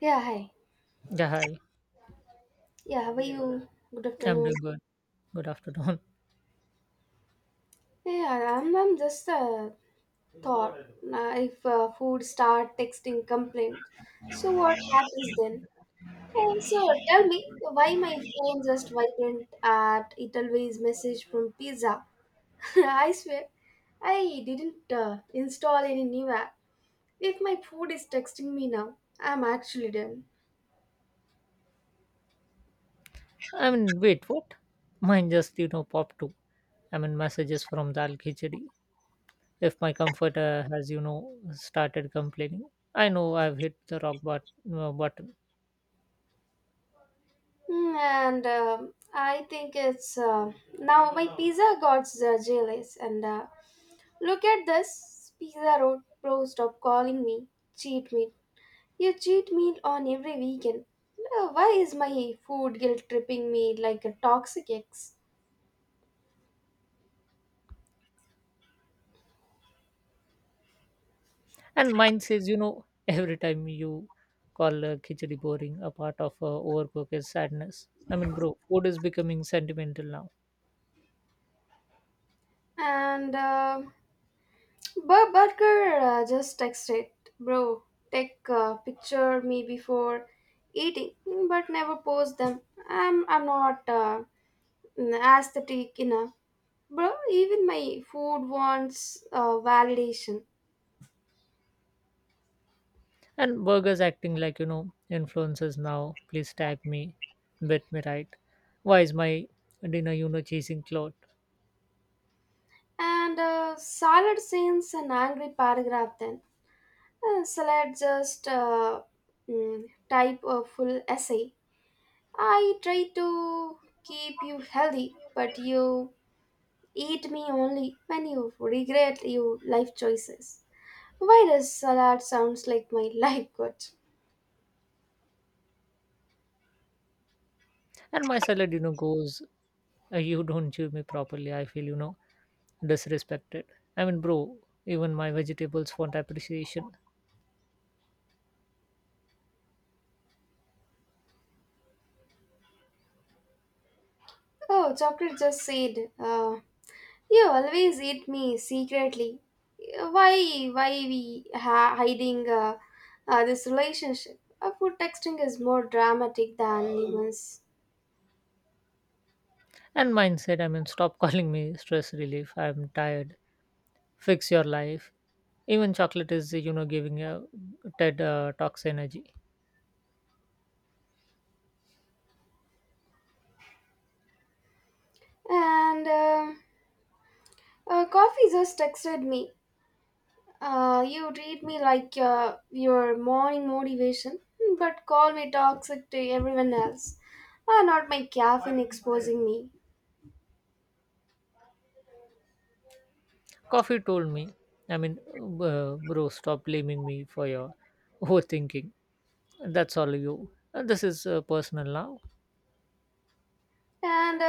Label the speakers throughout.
Speaker 1: Yeah, hi.
Speaker 2: Yeah, hi.
Speaker 1: Yeah, how are you? Good
Speaker 2: I'm
Speaker 1: afternoon.
Speaker 2: doing good. Good afternoon.
Speaker 1: I'm just thought if food start texting complaint, so what happens then? Hey, so tell me why my phone just vibrant at it always message from pizza. I swear, I didn't install any new app. If my food is texting me now, I'm actually done.
Speaker 2: I mean, wait, what? Mine just, popped too. I mean, messages from Dal Khichdi. If my comforter has, started complaining, I know I've hit the rock but, button.
Speaker 1: And I think it's now my pizza god's jealous. And look at this pizza road pro. Stop calling me cheat meal. You cheat meal on every weekend. Why is my food guilt tripping me like a toxic ex?
Speaker 2: And mine says, every time you call Khichdi boring, a part of overcook is sadness. I mean, bro, food is becoming sentimental now.
Speaker 1: And Burger just texted, bro. Take a picture me before eating, but never post them. I'm not aesthetic enough. Bro, even my food wants validation.
Speaker 2: And burgers acting like, influencers now. Please tag me. Bet me right. Why is my dinner, chasing cloth?
Speaker 1: And salad sends an angry paragraph then. Salad just mm, type a full essay. I try to keep you healthy, but you eat me only when you regret your life choices. Why does salad sounds like my life coach?
Speaker 2: And my salad, goes, you don't chew me properly. I feel, disrespected. I mean, bro, even my vegetables want appreciation.
Speaker 1: Oh, chocolate just said, you always eat me secretly. Why we hiding this relationship? Food texting is more dramatic than lemons.
Speaker 2: And mine said, I mean, stop calling me stress relief. I'm tired. Fix your life. Even chocolate is, giving a Ted talks energy.
Speaker 1: And coffee just texted me. You treat me like your morning motivation, but call me toxic to everyone else. Not my caffeine exposing me.
Speaker 2: Coffee told me, I mean, bro, stop blaming me for your overthinking. That's all you. And this is personal now.
Speaker 1: And uh,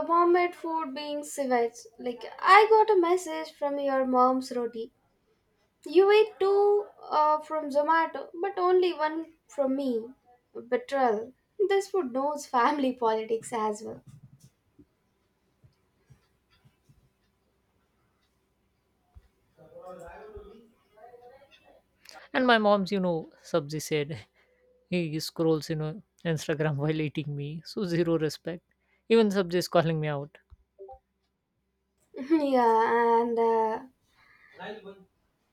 Speaker 1: uh, mom made food being civet. Like I got a message from your mom's roti. You ate two from Zomato, but only one from me. Betrayal. This food knows family politics as well.
Speaker 2: And my mom's, Sabzi said, he scrolls, Instagram while eating me. So zero respect. Even Sabzi is calling me out.
Speaker 1: yeah, and uh,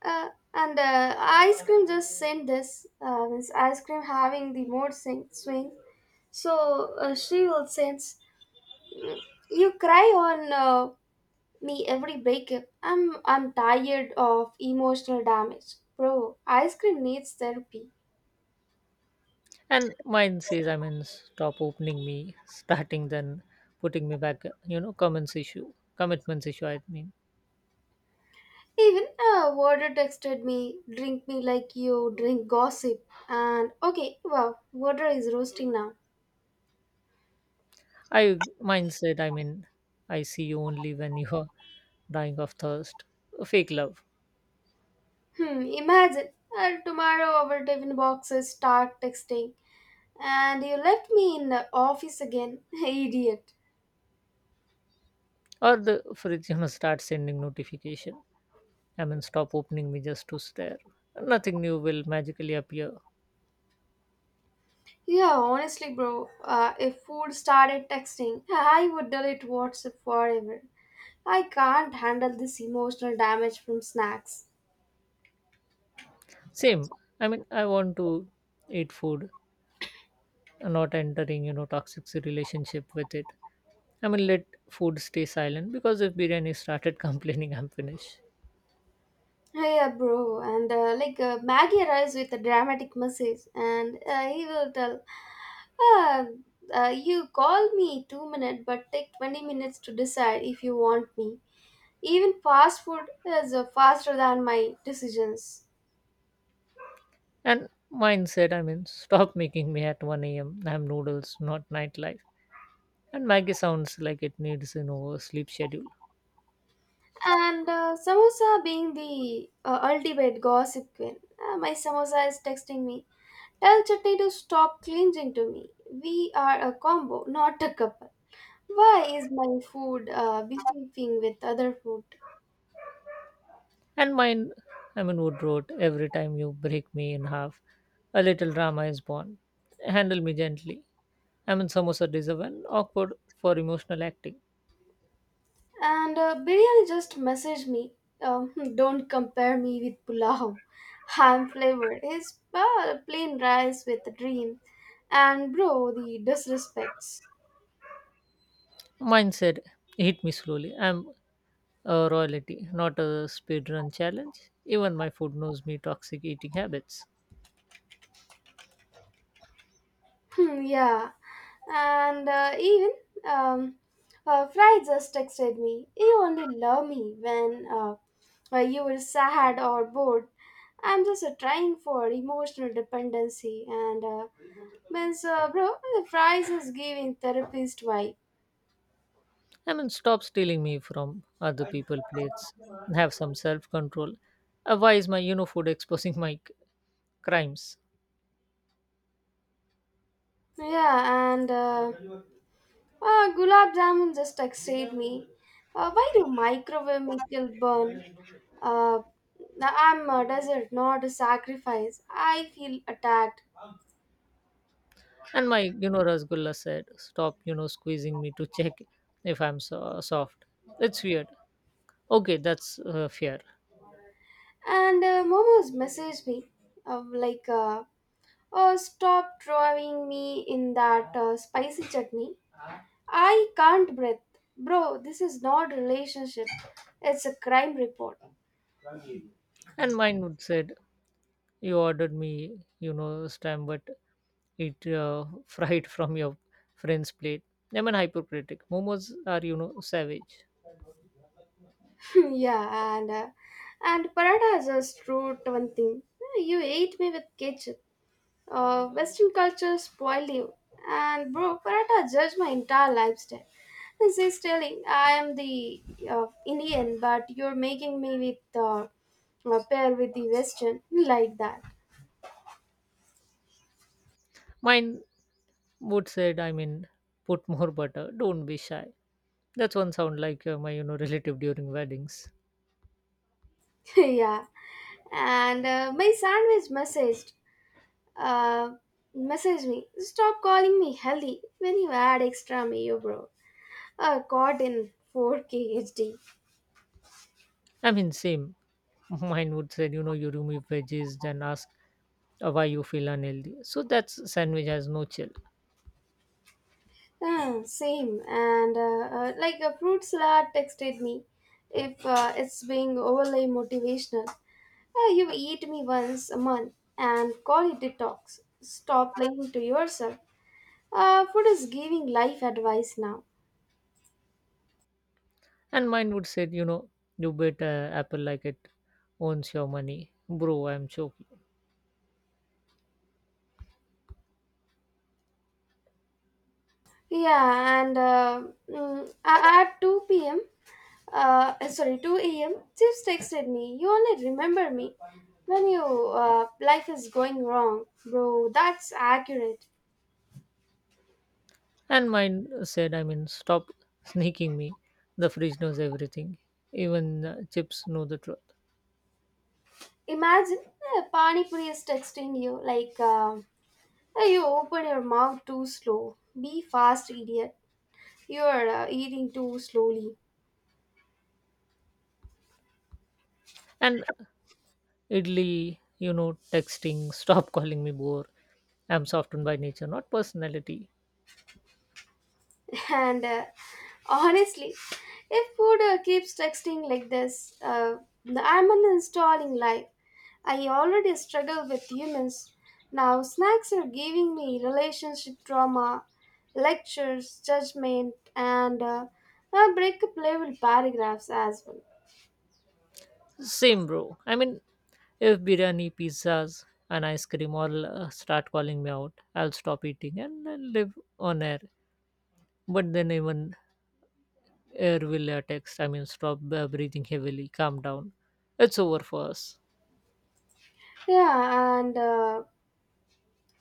Speaker 1: uh, and uh, ice cream just sent this. This ice cream having the mood swing. So she will sense you cry on me every breakup. I'm tired of emotional damage, bro. Ice cream needs therapy.
Speaker 2: And mine says, I mean, stop opening me, starting then putting me back, comments issue, commitments issue, I mean.
Speaker 1: Even a water texted me, drink me like you drink gossip. And okay, wow, water is roasting now.
Speaker 2: Mine said, I mean, I see you only when you are dying of thirst. Fake love.
Speaker 1: Hmm, imagine. Tomorrow our tiffin boxes start texting. And you left me in the office again. Idiot.
Speaker 2: Or the fridge, start sending notification. I mean, stop opening me just to stare. Nothing new will magically appear.
Speaker 1: Yeah, honestly, bro, if food started texting, I would delete WhatsApp forever. I can't handle this emotional damage from snacks.
Speaker 2: Same. I mean, I want to eat food, not entering, toxic relationship with it. I mean, let food stay silent because if biryani started complaining, I'm finished.
Speaker 1: Yeah, bro, and like Maggie arrives with a dramatic message, and he will tell, "Ah, you call me 2 minutes, but take 20 minutes to decide if you want me. Even fast food is faster than my decisions."
Speaker 2: And mine said, I mean, stop making me at 1 a.m. I'm noodles, not nightlife. And Maggie sounds like it needs, a sleep schedule.
Speaker 1: And samosa being the ultimate gossip queen, my samosa is texting me, "Tell Chutney to stop clinging to me. We are a combo, not a couple." Why is my food beefing with other food?
Speaker 2: And mine, Amin Wood wrote, every time you break me in half, a little drama is born. Handle me gently. Amin Samosa deserve an awkward for emotional acting.
Speaker 1: And Biryani just messaged me. Don't compare me with pulao. I'm flavored. It's plain rice with a dream. And bro, the disrespect.
Speaker 2: Mine said, hit me slowly. I'm a royalty, not a speedrun challenge. Even my food knows me toxic eating habits.
Speaker 1: Hmm, yeah, and even um, Fry just texted me. You only love me when you were sad or bored. I'm just trying for emotional dependency, and means bro, the Fry is giving therapist vibe.
Speaker 2: Amin, stop stealing me from other people' plates. Have some self control. Why is my food exposing my crimes?
Speaker 1: Yeah, and gulab jamun just excited me. Why do microwave mickle burn? Uh, I'm a desert, not a sacrifice. I feel attacked.
Speaker 2: And my, Rasgulla said, stop, squeezing me to check if I'm soft. It's weird. Okay, that's fair.
Speaker 1: And Momo's messaged me, like, oh, stop drawing me in that spicy chutney. I can't breathe. Bro, this is not relationship. It's a crime report.
Speaker 2: And mine would said, you ordered me, stem, but it fried from your friend's plate. I mean, hypocritic. Momos are, savage.
Speaker 1: Yeah, and Parada just wrote one thing. You ate me with ketchup. Western culture spoiled you. And bro, Paratha judged my entire lifestyle. And she's telling, I am the Indian, but you're making me with a pair with the Western like that.
Speaker 2: Mine would said, I mean, put more butter. Don't be shy. That's one sound like my, relative during weddings.
Speaker 1: Yeah. And my sandwich uh, messaged me, stop calling me healthy when you add extra mayo, bro. Caught in 4K HD.
Speaker 2: I mean, same. Mine would said, you remove veggies, then ask why you feel unhealthy so that's sandwich has no chill.
Speaker 1: Yeah, same. And like a fruit salad texted me if it's being overly motivational. You eat me once a month and call it detox. Stop lying to yourself. Food is giving life advice now.
Speaker 2: And mine would say you bet apple like it owns your money. Bro, I'm choking.
Speaker 1: Yeah, and at 2 p.m., sorry, 2 a.m., Chips texted me, you only remember me when your life is going wrong. Bro, that's accurate.
Speaker 2: And mine said, I mean, stop sneaking me. The fridge knows everything. Even chips know the truth.
Speaker 1: Imagine Pani Puri is texting you like, "Hey, you open your mouth too slow. Be fast, idiot. You are eating too slowly."
Speaker 2: And idly texting, stop calling me bore. I'm softened by nature, not personality.
Speaker 1: And honestly, if food keeps texting like this, I'm uninstalling life. I already struggle with humans. Now snacks are giving me relationship drama, lectures, judgment, and breakup level paragraphs as well.
Speaker 2: Same, bro. I mean, if biryani, pizzas, and ice cream all start calling me out, I'll stop eating and I'll live on air. But then even air will text, I mean, stop breathing heavily, calm down. It's over for us.
Speaker 1: Yeah, and uh,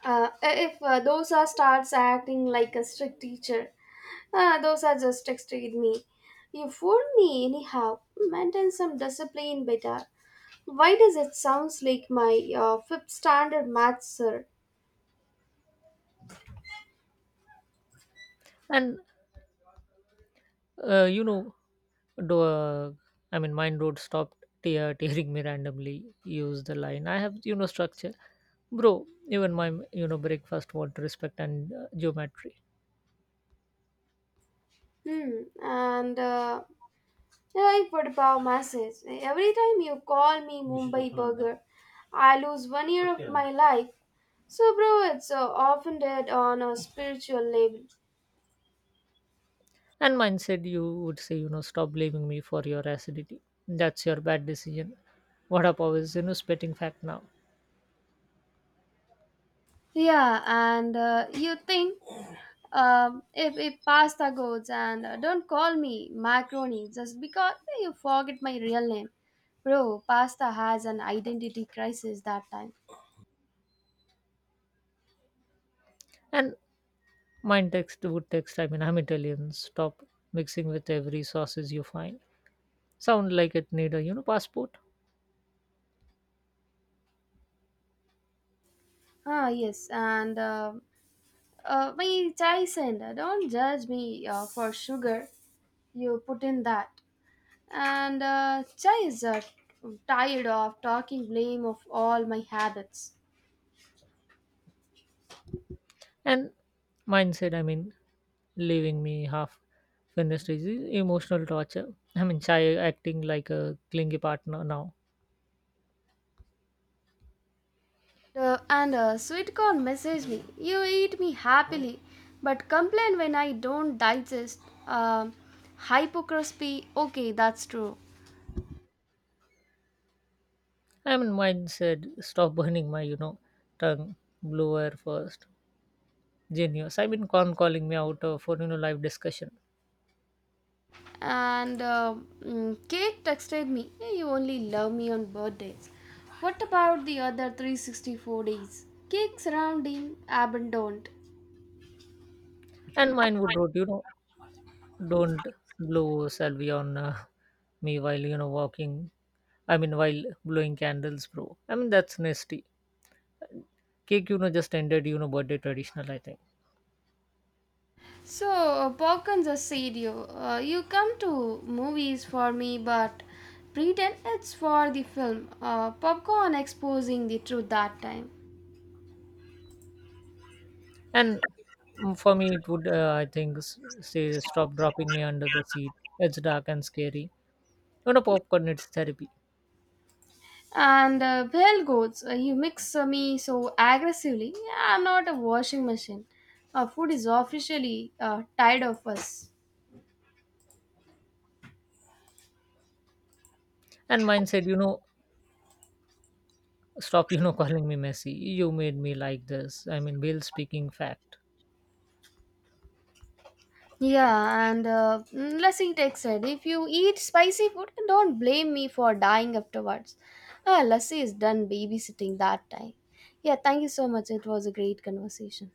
Speaker 1: uh, if those are starts acting like a strict teacher, those are just texted me. You fooled me anyhow. Maintain some discipline better. Why does it sounds like my fifth standard math sir?
Speaker 2: And, you know, do, I mean, mind road stopped tearing me randomly. Use the line. I have, structure. Bro, even my, breakfast want respect and geometry.
Speaker 1: Hmm. And I put a message. Every time you call me Mumbai burger, I lose one year of my life. So, bro, it's offended on a spiritual level.
Speaker 2: And mindset, you would say, stop blaming me for your acidity. That's your bad decision. What up, always, spitting fact now.
Speaker 1: Yeah, and you think if pasta goes and don't call me macaroni just because you forget my real name. Bro, pasta has an identity crisis that time.
Speaker 2: And mind text would text, I mean, I'm Italian. Stop mixing with every sauces you find. Sound like it need a, passport.
Speaker 1: Ah, yes, and my Tyson, don't judge me for sugar. You put in that. And Chai is tired of talking blame of all my habits.
Speaker 2: And mindset, I mean, leaving me half finished is emotional torture. I mean, Chai acting like a clingy partner now.
Speaker 1: And sweet corn messaged me, you eat me happily but complain when I don't digest. um, hypocrisy. Okay, that's true.
Speaker 2: I mean, mine said, stop burning my, tongue. Blue air first. Genius. I've been con calling me out for live discussion.
Speaker 1: And cake texted me, "Hey, you only love me on birthdays. What about the other 364 days? Cakes rounding abandoned."
Speaker 2: And mine would wrote, don't blow salvia on me while walking. I mean while blowing candles, bro. I mean that's nasty. Cake, just ended birthday traditional, I think.
Speaker 1: So, Balkans a sadio. You come to movies for me, but pretend it's for the film. Popcorn exposing the truth that time.
Speaker 2: And for me it would I think say stop dropping me under the seat. It's dark and scary. Popcorn it's therapy.
Speaker 1: And bell goats, you mix me so aggressively. I'm not a washing machine. Food is officially tired of us.
Speaker 2: And mine said stop calling me messy. You made me like this. I mean, Bill speaking fact.
Speaker 1: Yeah, and Lassie Tech said, if you eat spicy food, don't blame me for dying afterwards. Ah, Lassie is done babysitting that time. Yeah, thank you so much. It was a great conversation.